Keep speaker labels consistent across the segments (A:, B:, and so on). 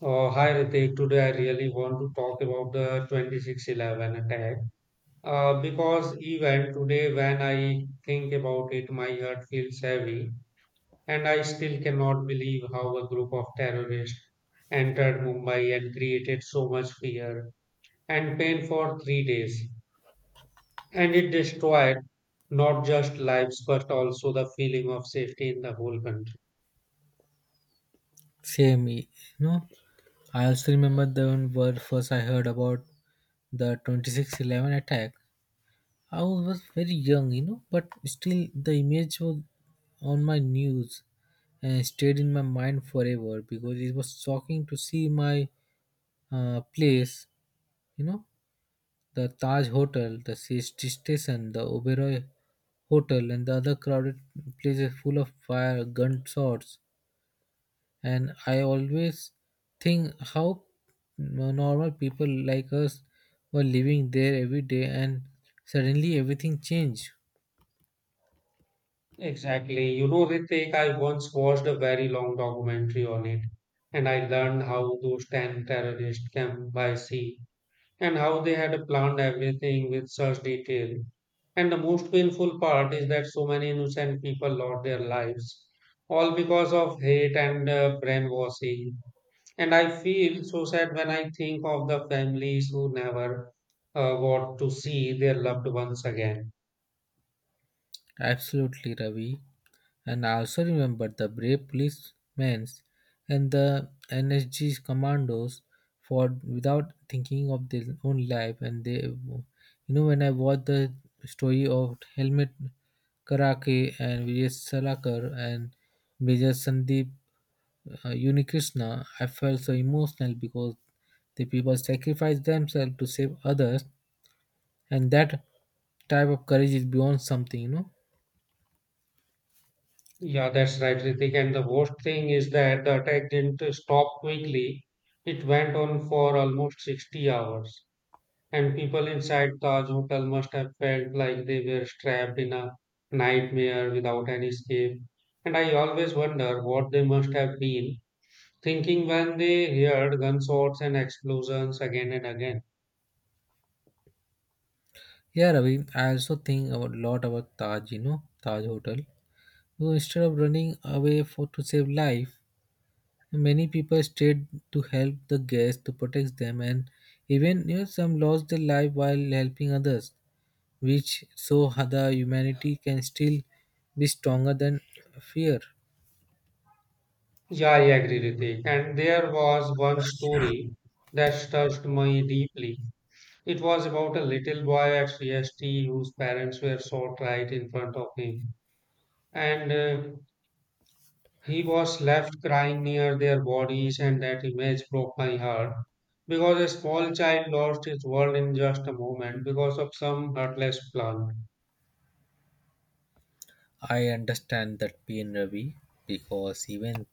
A: Hi Ritik, today I really want to talk about the 26/11 attack because even today when I think about it, my heart feels heavy, and I still cannot believe how a group of terrorists entered Mumbai and created so much fear and pain for 3 days. And it destroyed not just lives but also the feeling of safety in the whole country.
B: Same, you know. I also remember the one word first I heard about the 2611 attack. I was very young, you know, but still the image was on my news and stayed in my mind forever because it was shocking to see my place, you know, the Taj Hotel, the CST station, the Oberoi Hotel, and the other crowded places full of fire, gunshots, and I always think how normal people like us were living there every day and suddenly everything changed.
A: Exactly. You know, Ritik, I once watched a very long documentary on it, and I learned how those 10 terrorists came by sea and how they had planned everything with such detail. And the most painful part is that so many innocent people lost their lives, all because of hate and brainwashing. And I feel so sad when I think of the families who never got to see their loved ones again.
B: Absolutely, Ravi. And I also remember the brave policemen and the NSG commandos for without thinking of their own life. And they, you know, when I watched the story of Helmet Karake and Vijay Salakar and Major Sandeep Unikrishna, I felt so emotional because the people sacrifice themselves to save others, and that type of courage is beyond something, you know.
A: Yeah, that's right, Ritik. And the worst thing is that the attack didn't stop quickly. It went on for almost 60 hours. And people inside Taj Hotel must have felt like they were trapped in a nightmare without any escape. And I always wonder what they must have been thinking when they heard gunshots and explosions again and again.
B: Yeah, Ravi, I also think a lot about Taj, you know, Taj Hotel. So instead of running away for to save life, many people stayed to help the guests, to protect them, and even, you know, some lost their life while helping others, which so the humanity can still be stronger than fear.
A: Yeah, I agree, Ritik. And there was one story that touched me deeply. It was about a little boy at CST whose parents were shot right in front of him. And he was left crying near their bodies, and that image broke my heart, because a small child lost his world in just a moment because of some heartless plan.
B: I understand that pain, Ravi, because even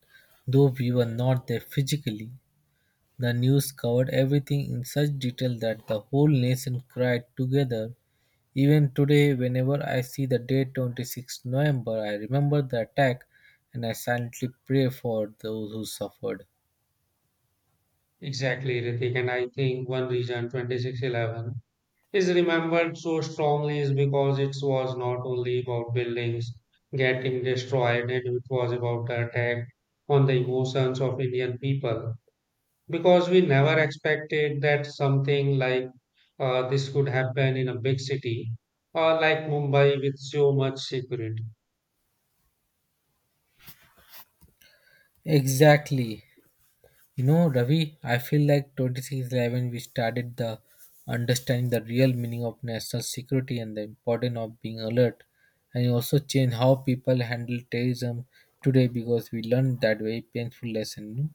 B: though we were not there physically, the news covered everything in such detail that the whole nation cried together. Even today, whenever I see the date 26 November, I remember the attack and I silently pray for those who suffered.
A: Exactly, Ritik. And I think one reason 26/11 is remembered so strongly is because it was not only about buildings getting destroyed, and it was about the attack on the emotions of Indian people, because we never expected that something like this could happen in a big city like Mumbai with so much security.
B: Exactly. You know, Ravi, I feel like 2611 we started the understanding the real meaning of national security and the importance of being alert. And it also changed how people handle terrorism today because we learned that very painful lesson.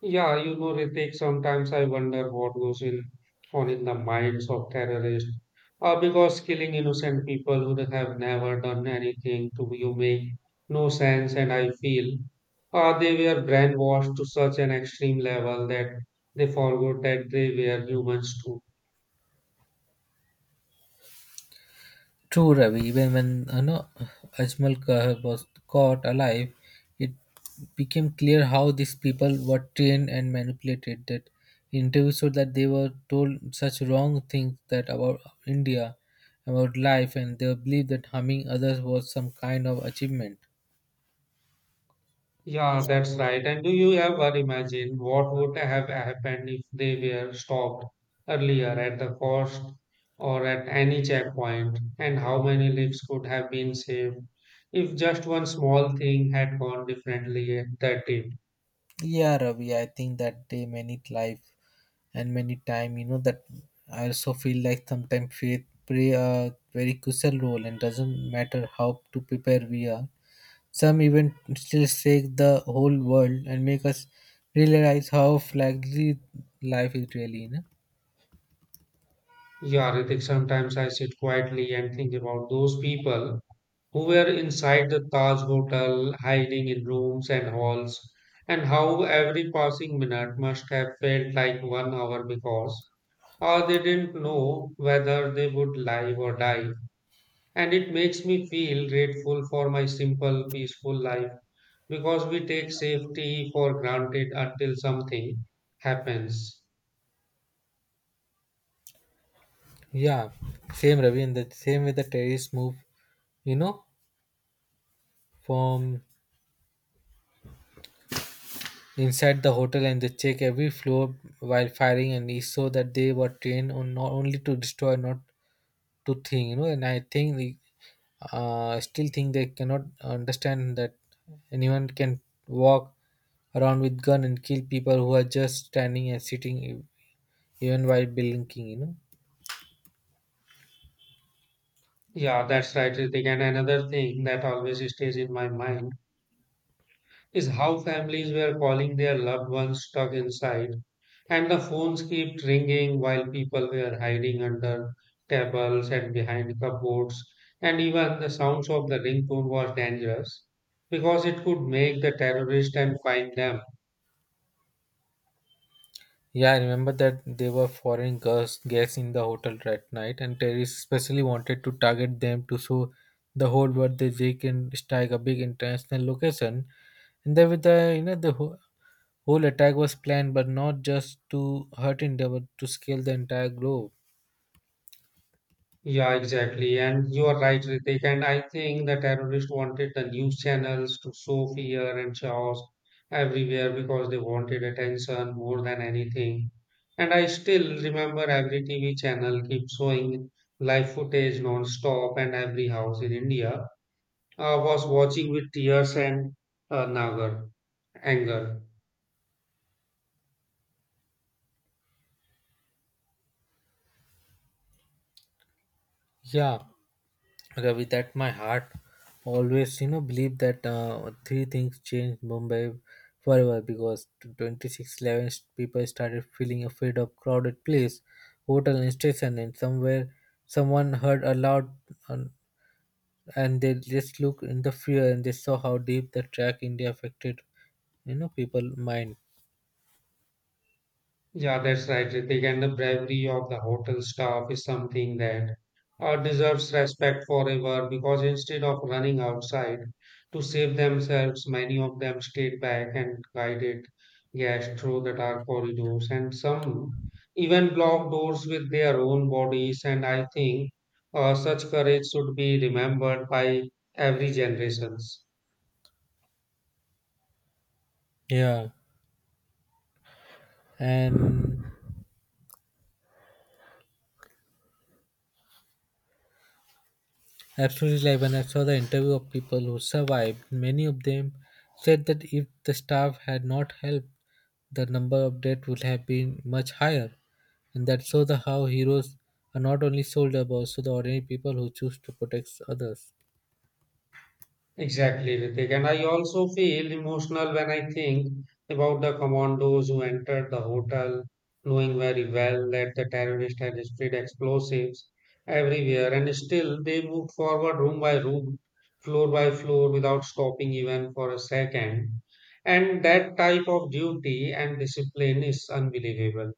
A: Yeah, you know, Ritik, sometimes I wonder what goes in on in the minds of terrorists. Because killing innocent people who they have never done anything to you make no sense, and I feel they were brainwashed to such an extreme level that they forgot that they were humans too.
B: True, Ravi. Even when no, Ajmal Kahl was caught alive, it became clear how these people were trained and manipulated. That interviews showed that they were told such wrong things that about India, about life, and they believed that harming others was some kind of achievement.
A: Yeah, that's right. And do you ever imagine what would have happened if they were stopped earlier at the coast or at any checkpoint, and how many lives could have been saved if just one small thing had gone differently at that day?
B: Yeah, Ravi. I think that day, many life and many time, you know, that I also feel like sometimes faith play a very crucial role and doesn't matter how to prepare we are. Some even still shake the whole world and make us realize how flaggly life is really, you know.
A: Yeah, Ritik, sometimes I sit quietly and think about those people who were inside the Taj Hotel, hiding in rooms and halls, and how every passing minute must have felt like 1 hour, because or they didn't know whether they would live or die. And it makes me feel grateful for my simple, peaceful life, because we take safety for granted until something happens.
B: Yeah, same Ravi, and the same way the terrorists move, you know, from inside the hotel and they check every floor while firing, and it's so that they were trained on not only to destroy, not to think, you know. And I think, they, I still think they cannot understand that anyone can walk around with gun and kill people who are just standing and sitting even while blinking, you know.
A: Yeah, that's right, Ritik. And another thing that always stays in my mind is how families were calling their loved ones stuck inside, and the phones kept ringing while people were hiding under tables and behind cupboards. And even the sounds of the ringtone was dangerous because it could make the terrorist and find them.
B: Yeah, I remember that there were foreign girls guests in the hotel at night, and terrorists especially wanted to target them to show the whole world that they can strike a big international location. And then with the, you know, the whole attack was planned, but not just to hurt India, but to scale the entire globe.
A: Yeah, exactly. And you are right, Ritik. And I think the terrorists wanted the news channels to show fear and chaos everywhere because they wanted attention more than anything. And I still remember every TV channel keeps showing live footage non-stop, and every house in India was watching with tears and nagar anger.
B: Yeah. Okay, with that, my heart always, you know, believe that three things changed Mumbai forever because 2611 people started feeling afraid of crowded place, hotel and station, and somewhere someone heard a loud uh, and they just looked in the fear and they saw how deep the track India affected, you know, people mind.
A: Yeah, that's right, Ritik. And the bravery of the hotel staff is something that deserves respect forever, because instead of running outside to save themselves, many of them stayed back and guided guests through the dark corridors, and some even blocked doors with their own bodies. And I think such courage should be remembered by every generation.
B: Yeah, and absolutely, like when I saw the interview of people who survived, many of them said that if the staff had not helped the number of update would have been much higher. And that shows the how heroes are not only soldiers but also the ordinary people who choose to protect others.
A: Exactly, Ritik. And I also feel emotional when I think about the commandos who entered the hotel, knowing very well that the terrorist had spread explosives everywhere, and still they moved forward room by room, floor by floor, without stopping even for a second. And that type of duty and discipline is unbelievable.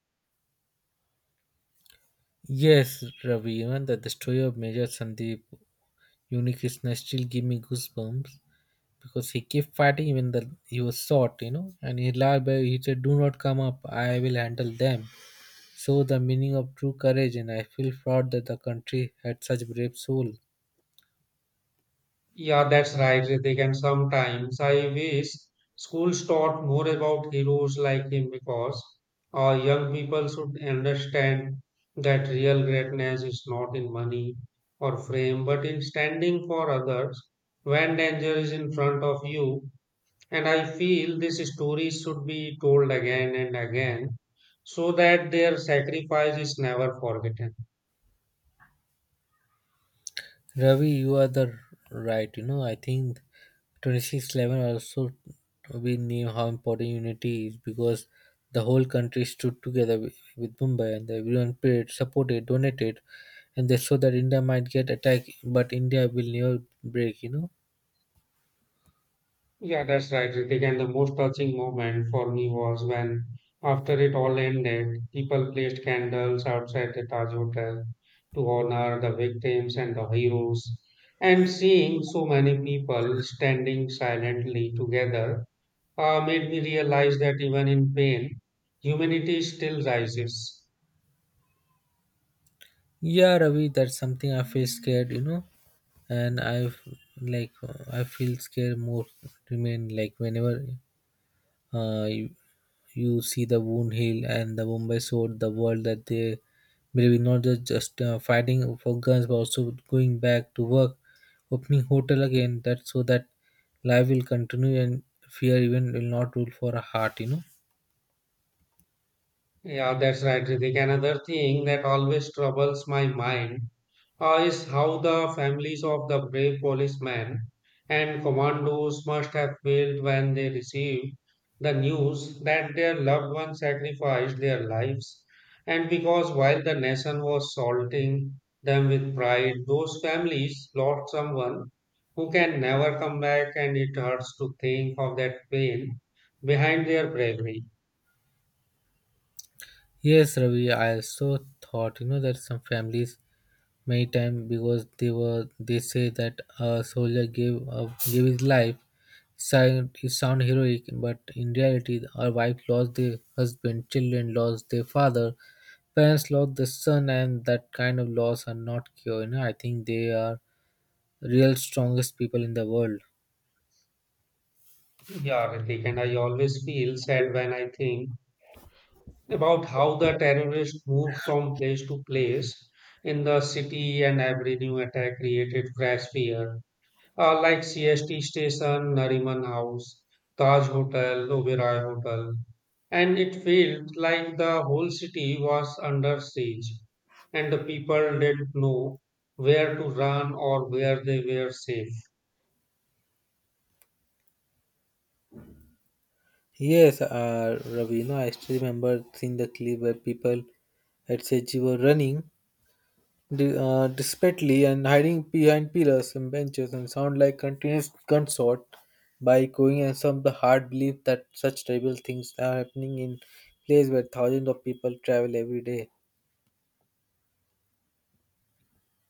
B: Yes, Ravi, even that the story of Major Sandeep Unikrishna still give me goosebumps because he kept fighting even though he was shot, you know, and he lied by he said, "Do not come up, I will handle them." So the meaning of true courage and I feel proud that the country had such brave soul.
A: Yeah, that's right, Ritik. And sometimes I wish schools taught more about heroes like him, because young people should understand that real greatness is not in money or fame, but in standing for others when danger is in front of you. And I feel this story should be told again and again so that their sacrifice is never forgotten.
B: Ravi, you are the right. You know, I think 2611 also we knew how important unity is because the whole country stood together with Mumbai and everyone paid, supported, donated, and they saw that India might get attacked, but India will never break. You know.
A: Yeah, that's right, Ritik. And the most touching moment for me was when, after it all ended, people placed candles outside the Taj Hotel to honor the victims and the heroes. And seeing so many people standing silently together made me realize that even in pain, humanity still rises.
B: Yeah, Ravi, that's something I feel scared. You know, and I like I feel scared more. Remain like whenever Uh, you, you see the wound heal, and the Mumbai showed the world that they believe in not just fighting for guns, but also going back to work, opening hotel again. That so that life will continue and fear even will not rule for a heart. You know.
A: Yeah, that's right, Ritik. Another thing that always troubles my mind is how the families of the brave policemen and commandos must have felt when they received the news that their loved ones sacrificed their lives. And because while the nation was salting them with pride, those families lost someone who can never come back, and it hurts to think of that pain behind their bravery.
B: Yes, Ravi, I also thought, you know, that some families many times because they were they say that a soldier gave gave his life. Sound it sound heroic, but in reality, our wife lost their husband, children lost their father, parents lost their son, and that kind of loss are not cure. You know, I think they are real strongest people in the world.
A: Yeah, Ritik, and I always feel sad when I think about how the terrorists moved from place to place in the city, and every new attack created fresh fear. Like CST station, Nariman House, Taj Hotel, Oberoi Hotel, and it felt like the whole city was under siege, and the people didn't know where to run or where they were safe.
B: Yes, Ravi, you know, I still remember seeing the clip where people at Seji were running desperately and hiding behind pillars and benches and sound like continuous gunshot by echoing and some of the hard belief that such terrible things are happening in place where thousands of people travel every day.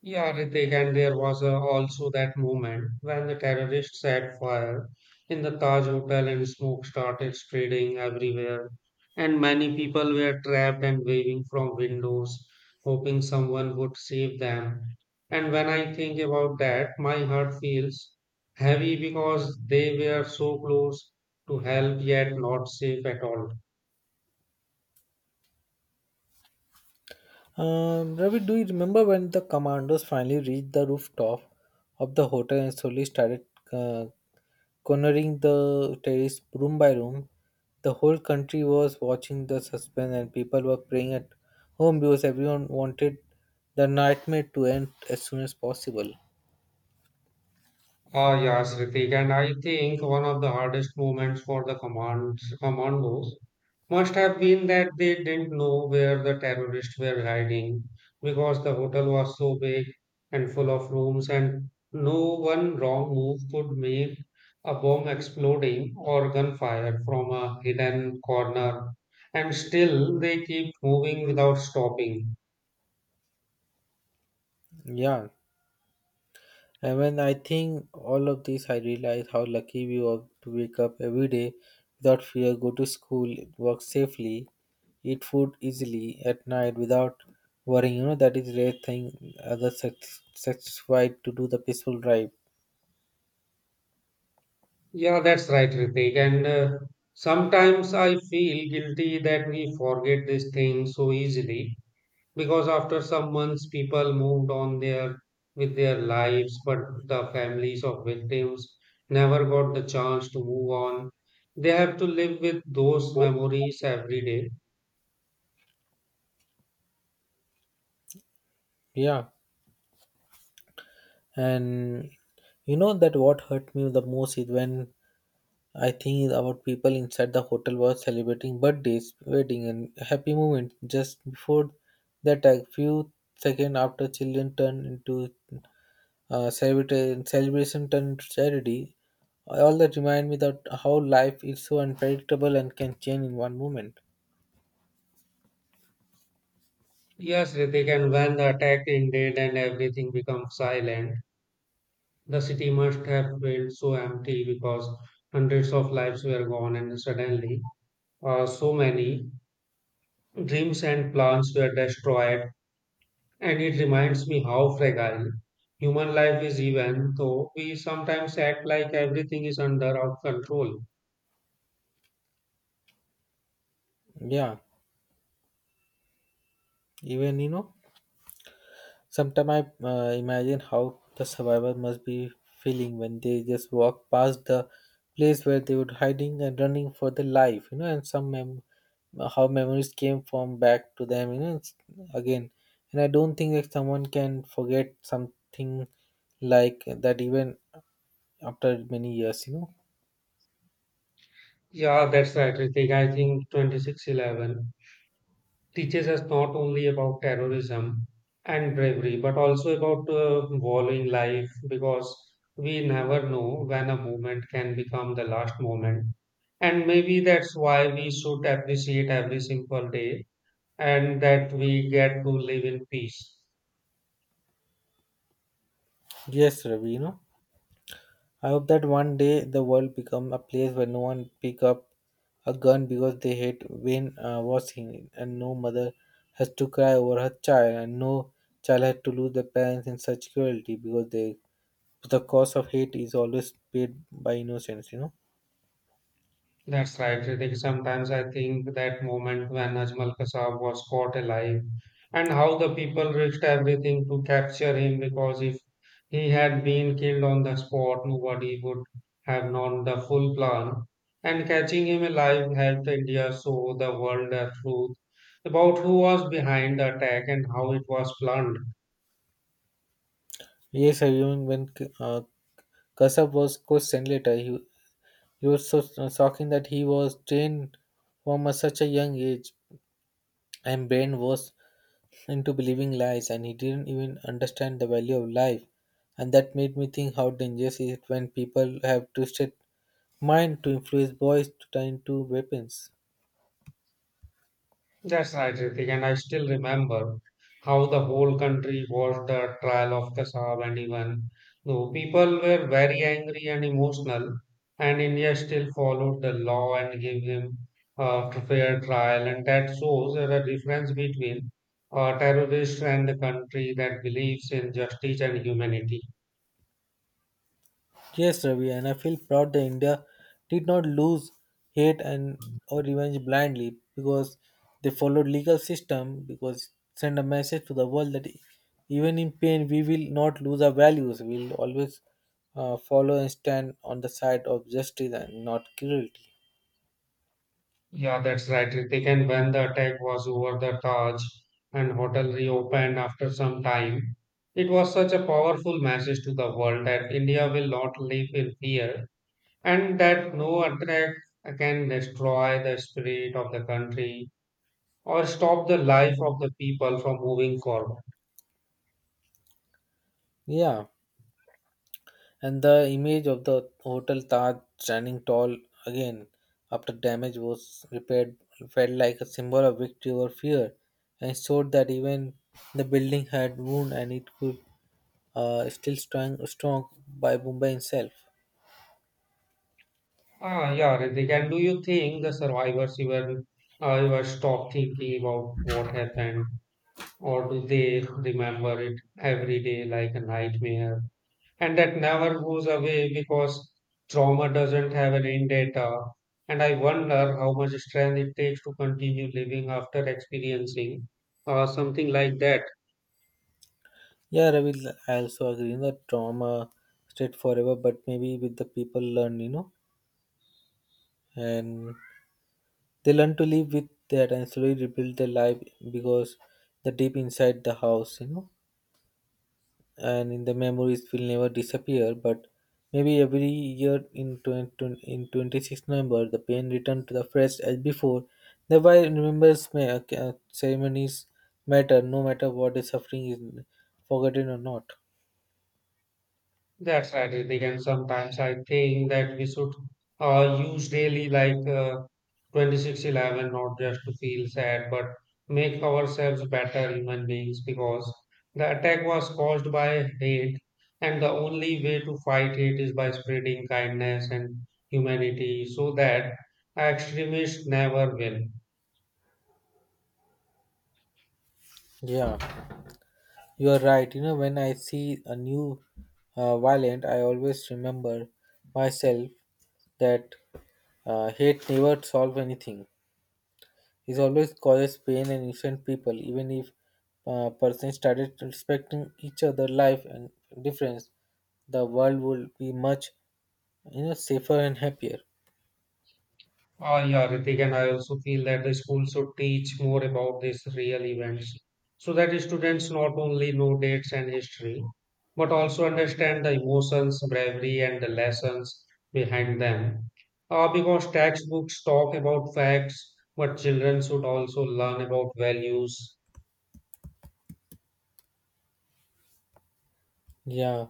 A: Yeah, Ritik, and there was also that moment when the terrorists set fire in the Taj Hotel and smoke started spreading everywhere. And many people were trapped and waving from windows, hoping someone would save them. And when I think about that, my heart feels heavy because they were so close to help yet not safe at all.
B: Ravi, do you remember when the commandos finally reached the rooftop of the hotel and slowly started uh, cornering the terrace room by room? The whole country was watching the suspense, and people were praying at home because everyone wanted the nightmare to end as soon as possible.
A: Ah, yes, Ritik, and I think one of the hardest moments for the command commandos must have been that they didn't know where the terrorists were hiding, because the hotel was so big and full of rooms, and no one wrong move could make a bomb exploding or gunfire from a hidden corner. And still they keep moving without stopping.
B: Yeah. And when I think all of this, I realize how lucky we are to wake up every day without fear, go to school, work safely, eat food easily at night without worrying. You know, that is rare thing other sex satisfied to do the peaceful drive.
A: Yeah, that's right, Ritik. And sometimes I feel guilty that we forget these things so easily, because after some months people moved on their with their lives, but the families of victims never got the chance to move on. They have to live with those memories every day.
B: Yeah. And you know that what hurt me the most is when I think it's about people inside the hotel were celebrating birthdays, wedding, and happy moments. Just before the attack, few seconds after, children turned into celebration turned into charity. All that remind me that how life is so unpredictable and can change in one moment.
A: Yes, Ritik, and when the attack ended and everything became silent, the city must have felt so empty, because hundreds of lives were gone and suddenly so many dreams and plans were destroyed. And it reminds me how fragile human life is, even though we sometimes act like everything is under our control.
B: Yeah, even you know sometimes I imagine how the survivor must be feeling when they just walk past the place where they were hiding and running for their life, you know, and how memories came from back to them, you know, again. And I don't think that someone can forget something like that even after many years, you know.
A: Yeah, that's right, Ritik. I think 26/11 teaches us not only about terrorism and bravery, but also about valuing life, because we never know when a moment can become the last moment. And maybe that's why we should appreciate every simple day and that we get to live in peace.
B: Yes, Ravi, you know. I hope that one day the world become a place where no one pick up a gun because they hate when was seen, and no mother has to cry over her child, and no child had to lose their parents in such cruelty because they the cost of hate is always paid by innocence. You know.
A: That's right, Ritik. Sometimes I think that moment when Ajmal Kasab was caught alive and how the people risked everything to capture him, because if he had been killed on the spot, nobody would have known the full plan. And catching him alive helped India show the world the truth about who was behind the attack and how it was planned.
B: Yes, I remember when uh, Kasab was questioned later. He was so shocking that he was trained from such a young age, and brain was into believing lies and he didn't even understand the value of life and that made me think how dangerous is it when people have twisted mind to influence boys to turn into weapons.
A: That's right, Ritik. And I still remember how the whole country watched the trial of Kasab, and even though people were very angry and emotional, and India still followed the law and gave him a fair trial. And that shows the difference between a terrorist and the country that believes in justice and humanity.
B: Yes, Ravi, and I feel proud that India did not lose hate and or revenge blindly because they followed legal system because send a message to the world that even in pain we will not lose our values. We'll always follow and stand on the side of justice and not cruelty.
A: Yeah, that's right. They can when the attack was over, the Taj and hotel reopened after some time. It was such a powerful message to the world that India will not live in fear and that no attack can destroy the spirit of the country or stop the life of the people from moving forward.
B: Yeah. And the image of the Hotel Taj standing tall again after damage was repaired felt like a symbol of victory over fear and it showed that even the building had wound and it could still strong by Mumbai itself.
A: Ah, yeah, Ritik. And do you think the survivors even ever stop thinking about what happened, or do they remember it every day like a nightmare, and that never goes away, because trauma doesn't have an end date? And I wonder how much strength it takes to continue living after experiencing something like that.
B: Yeah, Ravi, I also agree. The trauma stayed forever, but maybe with the people learn, you know, and they learn to live with that and slowly rebuild their life because the deep inside the house, you know. And in the memories will never disappear but maybe every year in 20, in 26 November the pain returned to the fresh as before thereby remembers may ceremonies matter no matter what the suffering is forgotten or not.
A: That's right, Ritik. And sometimes I think that we should use daily like 26/11, not just to feel sad, but make ourselves better human beings, because the attack was caused by hate, and the only way to fight hate is by spreading kindness and humanity so that extremists never will.
B: Yeah, you are right, you know, when I see a new violent I always remember myself that hate never solve anything. It always causes pain and innocent people, even if persons started respecting each other' life and difference, the world would be much, you know, safer and happier.
A: Ah, yeah, Ritik, and I also feel that the school should teach more about these real events so that students not only know dates and history, but also understand the emotions, bravery, and the lessons behind them. Because textbooks talk about facts, but children should also learn about values.
B: Yeah,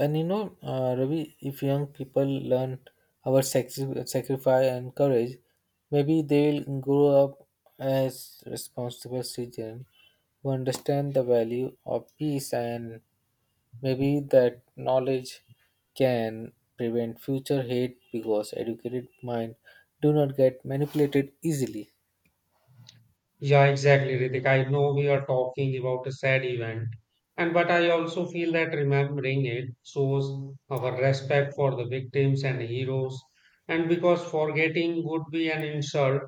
B: and Ravi, if young people learn about sacrifice and courage, maybe they will grow up as responsible citizens who understand the value of peace and. Maybe that knowledge can prevent future hate because educated mind do not get manipulated easily.
A: Yeah, exactly, Ritik. I know we are talking about a sad event, and but I also feel that remembering it shows our respect for the victims and heroes, and because forgetting would be an insult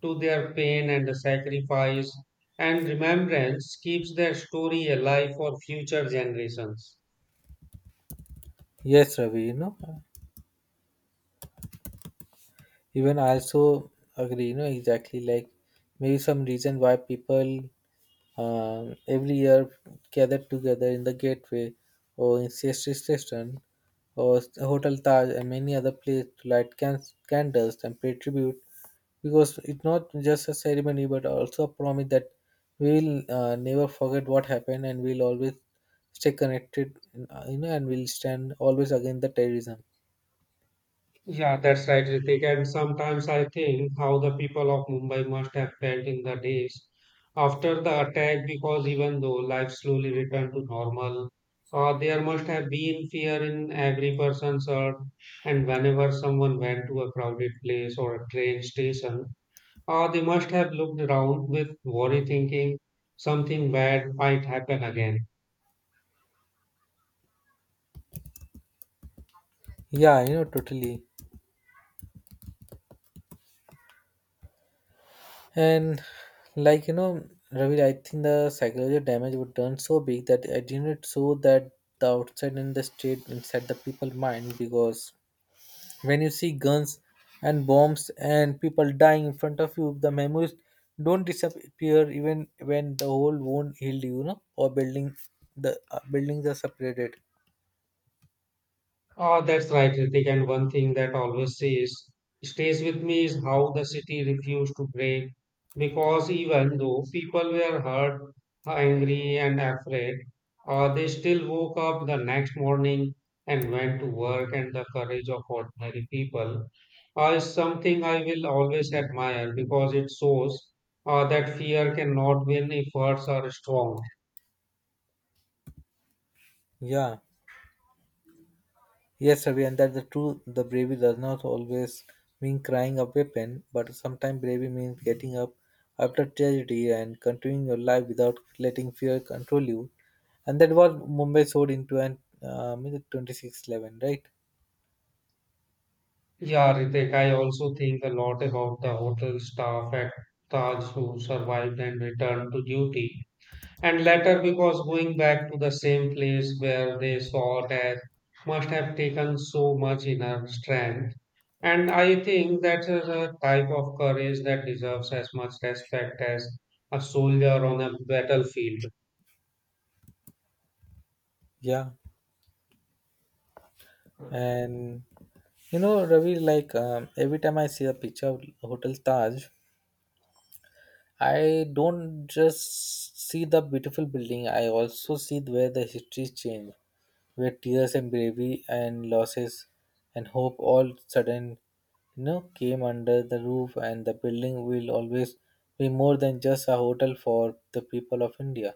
A: to their pain and the sacrifice, and remembrance keeps their story alive for future generations.
B: Yes, Ravi, even I also agree, exactly like maybe some reason why people every year gathered together in the gateway or in Sestri station or Hotel Taj and many other places to light candles and pay tribute because it's not just a ceremony but also a promise that we will never forget what happened and we'll always stay connected and we'll stand always against the terrorism.
A: Yeah, that's right, Ritik. And sometimes I think how the people of Mumbai must have felt in the days after the attack, because even though life slowly returned to normal, there must have been fear in every person's heart. And whenever someone went to a crowded place or a train station, they must have looked around with worry, thinking something bad might happen again.
B: Yeah, totally. And like you know, Ravi, I think the psychological damage would turn so big that I didn't show that the outside and the state inside the people mind because when you see guns and bombs and people dying in front of you, the memories don't disappear even when the whole wound healed, or buildings are separated.
A: Ah, that's right, Ritik. And one thing that always stays with me is how the city refused to break. Because even though people were hurt, angry, and afraid, they still woke up the next morning and went to work. And the courage of ordinary people is something I will always admire because it shows that fear cannot win if hearts are strong.
B: Yeah. Yes, Ravi, and that's the truth. The bravery does not always mean crying a weapon, but sometimes bravery means getting up after tragedy and continuing your life without letting fear control you. And that was Mumbai showed in 2611, right?
A: Yeah, Ritek, I also think a lot about the hotel staff at Taj who survived and returned to duty. And later, because going back to the same place where they saw death must have taken so much inner strength. And I think that is a type of courage that deserves as much respect as a soldier on a battlefield.
B: Yeah. And Ravi, every time I see a picture of Hotel Taj, I don't just see the beautiful building, I also see where the histories change, where tears and bravery and losses and hope all sudden came under the roof and the building will always be more than just a hotel for the people of India.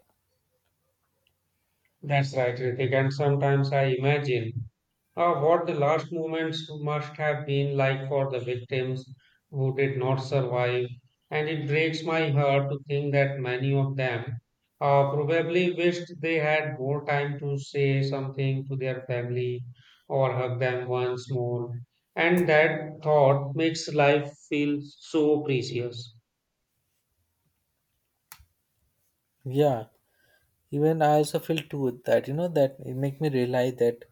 A: That's right, Ritek. And sometimes I imagine. What the last moments must have been like for the victims who did not survive, and it breaks my heart to think that many of them probably wished they had more time to say something to their family or hug them once more. And that thought makes life feel so precious.
B: Yeah. Even I also feel too with that, that it make me realize that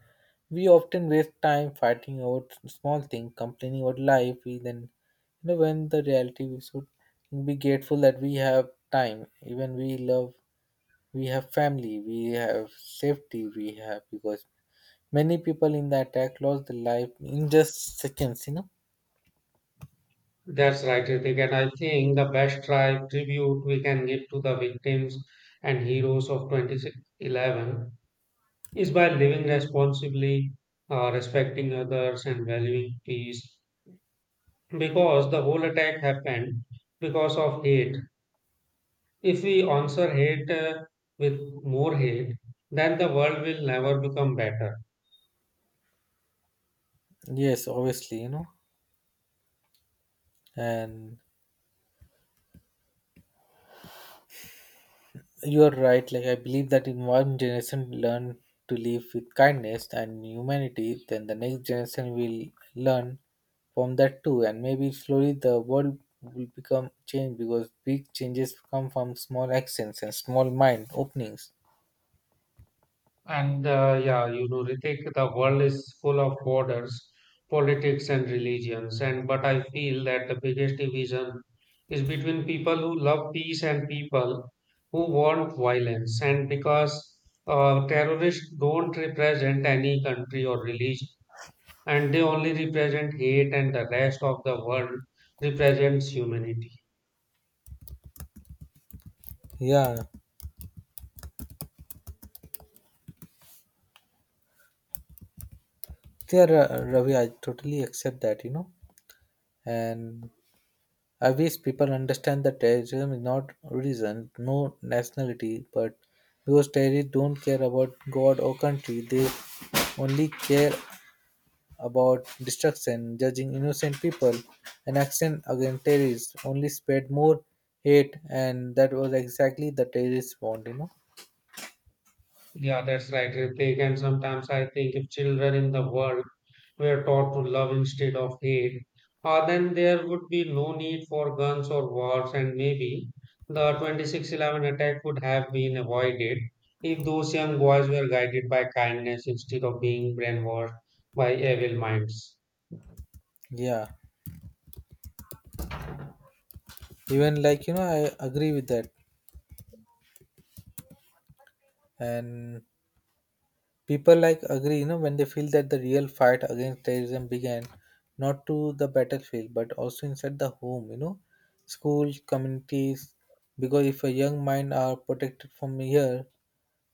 B: we often waste time fighting over small things, complaining about life, we then when the reality we should be grateful that we have time, even we love we have family, we have safety, we have because many people in the attack lost their life in just seconds,
A: That's right, Ritik. And I think the best tribute we can give to the victims and heroes of 2011 is by living responsibly, respecting others, and valuing peace. Because the whole attack happened because of hate. If we answer hate with more hate, then the world will never become better.
B: Yes, obviously, And you are right. Like I believe that if one generation learn to live with kindness and humanity, then the next generation will learn from that too. And maybe slowly the world will become changed because big changes come from small actions and small mind openings.
A: And yeah, Ritik, the world is full of borders, politics, and religions. And but I feel that the biggest division is between people who love peace and people who want violence. And because terrorists don't represent any country or religion, and they only represent hate, and the rest of the world represents humanity.
B: Yeah, Ravi, I totally accept that. And I wish people understand that terrorism is not reason, no nationality, but because terrorists don't care about God or country, they only care about destruction, judging innocent people, and action against terrorists only spread more hate, and that was exactly the terrorists want,
A: Yeah, that's right, Ritik. And sometimes I think if children in the world were taught to love instead of hate, then there would be no need for guns or wars, and maybe the 26/11 attack would have been avoided if those young boys were guided by kindness instead of being brainwashed by evil minds.
B: Yeah, even I agree with that, and people like agree, when they feel that the real fight against terrorism began not to the battlefield but also inside the home, schools, communities. Because if a young mind are protected from here,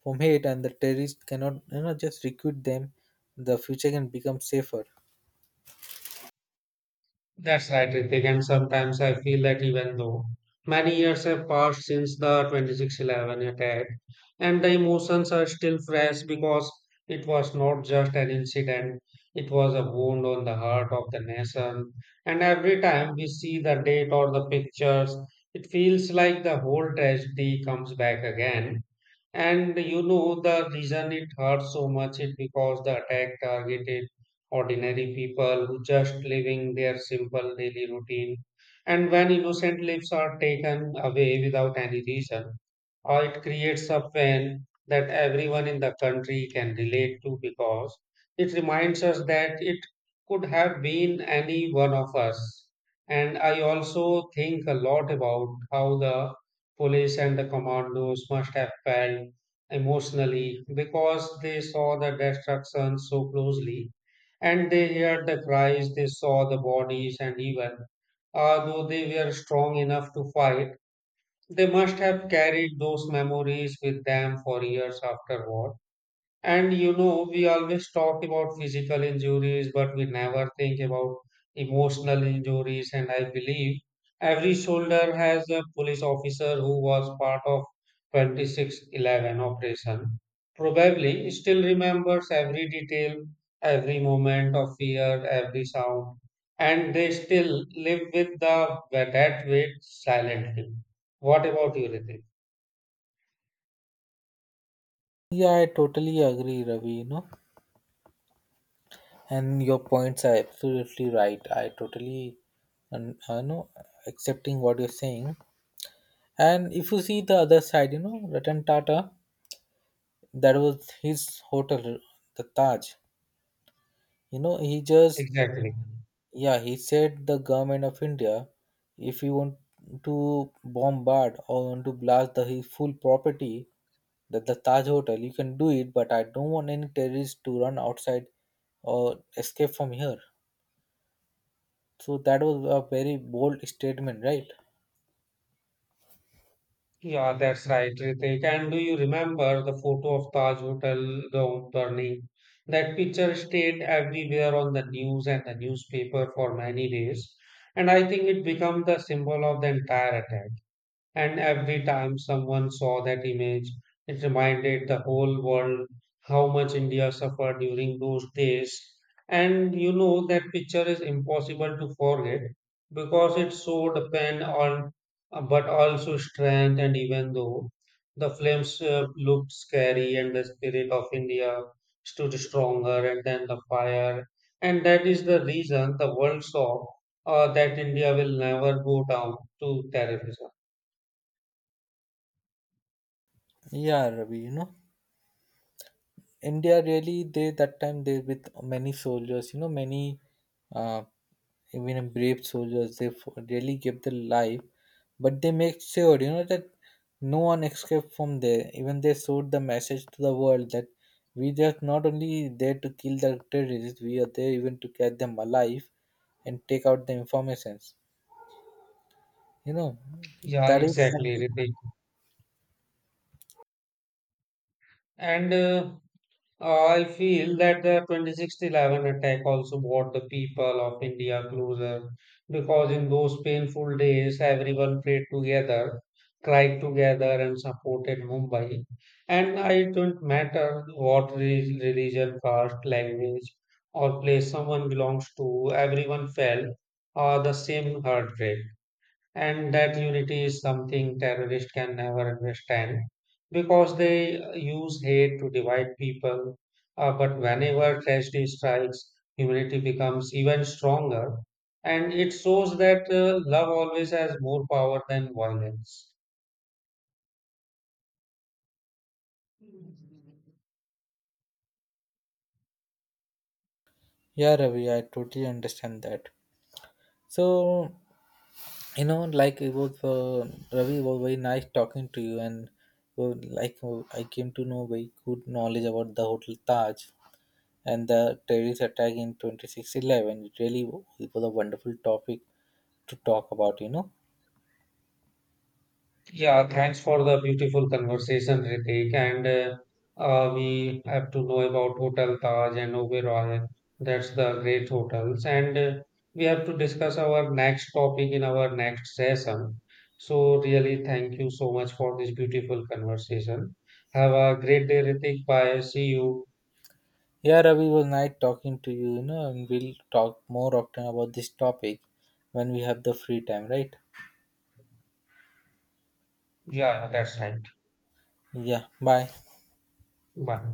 B: from hate, and the terrorists cannot, just recruit them, the future can become safer.
A: That's right, Ritik, and sometimes I feel that even though many years have passed since the 26/11 attack, and the emotions are still fresh because it was not just an incident, it was a wound on the heart of the nation. And every time we see the date or the pictures, it feels like the whole tragedy comes back again. And you know the reason it hurt so much is because the attack targeted ordinary people who just living their simple daily routine. And when innocent lives are taken away without any reason, or it creates a pain that everyone in the country can relate to because it reminds us that it could have been any one of us. And I also think a lot about how the police and the commandos must have felt emotionally because they saw the destruction so closely and they heard the cries, they saw the bodies, and even though they were strong enough to fight, they must have carried those memories with them for years afterward, and we always talk about physical injuries, but we never think about emotional injuries. And I believe every soldier has a police officer who was part of 26/11 operation. Probably still remembers every detail, every moment of fear, every sound, and they still live with the that weight silently. What about you, Ritik?
B: Yeah, I totally agree, Ravi. And your points are absolutely right. I totally, and I know, accepting what you're saying. And if you see the other side, Ratan Tata, that was his hotel, the Taj. You know, he just,
A: Exactly.
B: yeah, he said the government of India, if you want to bombard or want to blast the his full property, that the Taj hotel, you can do it, but I don't want any terrorists to run outside or escape from here. So that was a very bold statement, right?
A: Yeah, that's right, Ritik. And do you remember the photo of Taj Hotel down burning? That picture stayed everywhere on the news and the newspaper for many days. And I think it became the symbol of the entire attack. And every time someone saw that image, it reminded the whole world how much India suffered during those days. And that picture is impossible to forget because it showed pain, on, but also strength. And even though the flames looked scary and the spirit of India stood stronger, and then the fire. And that is the reason the world saw that India will never go down to terrorism.
B: Yeah, Ravi, India really, they that time they with many soldiers, many uh, even brave soldiers they really give their life but they make sure that no one escaped from there even they showed the message to the world that we just not only there to kill the terrorists we are there even to catch them alive and take out the informations you know
A: Yeah,
B: that is
A: exactly,
B: something.
A: Ritik. And I feel that the 26/11 attack also brought the people of India closer because in those painful days, everyone prayed together, cried together, and supported Mumbai. And it don't matter what religion, caste, language, or place someone belongs to, everyone felt the same heartbreak. And that unity is something terrorists can never understand because they use hate to divide people. But whenever tragedy strikes, humanity becomes even stronger, and it shows that love always has more power than violence.
B: Yeah, Ravi, I totally understand that. So you know like it was Ravi, it was very nice talking to you and uh, I came to know very good knowledge about the Hotel Taj and the terrorist attack in 2611. It really it was a wonderful topic to talk about.
A: Yeah, thanks for the beautiful conversation, Ritik. And we have to know about Hotel Taj and Oberoi. That's the great hotels. And we have to discuss our next topic in our next session. So, really, thank you so much for this beautiful conversation. Have a great day, Ritik. Bye. See you.
B: yeah, Ravi, it was nice talking to you, you know and we'll talk more often about this topic when we have the free time, right?
A: Yeah, yeah, that's right.
B: Yeah, bye.
A: Bye.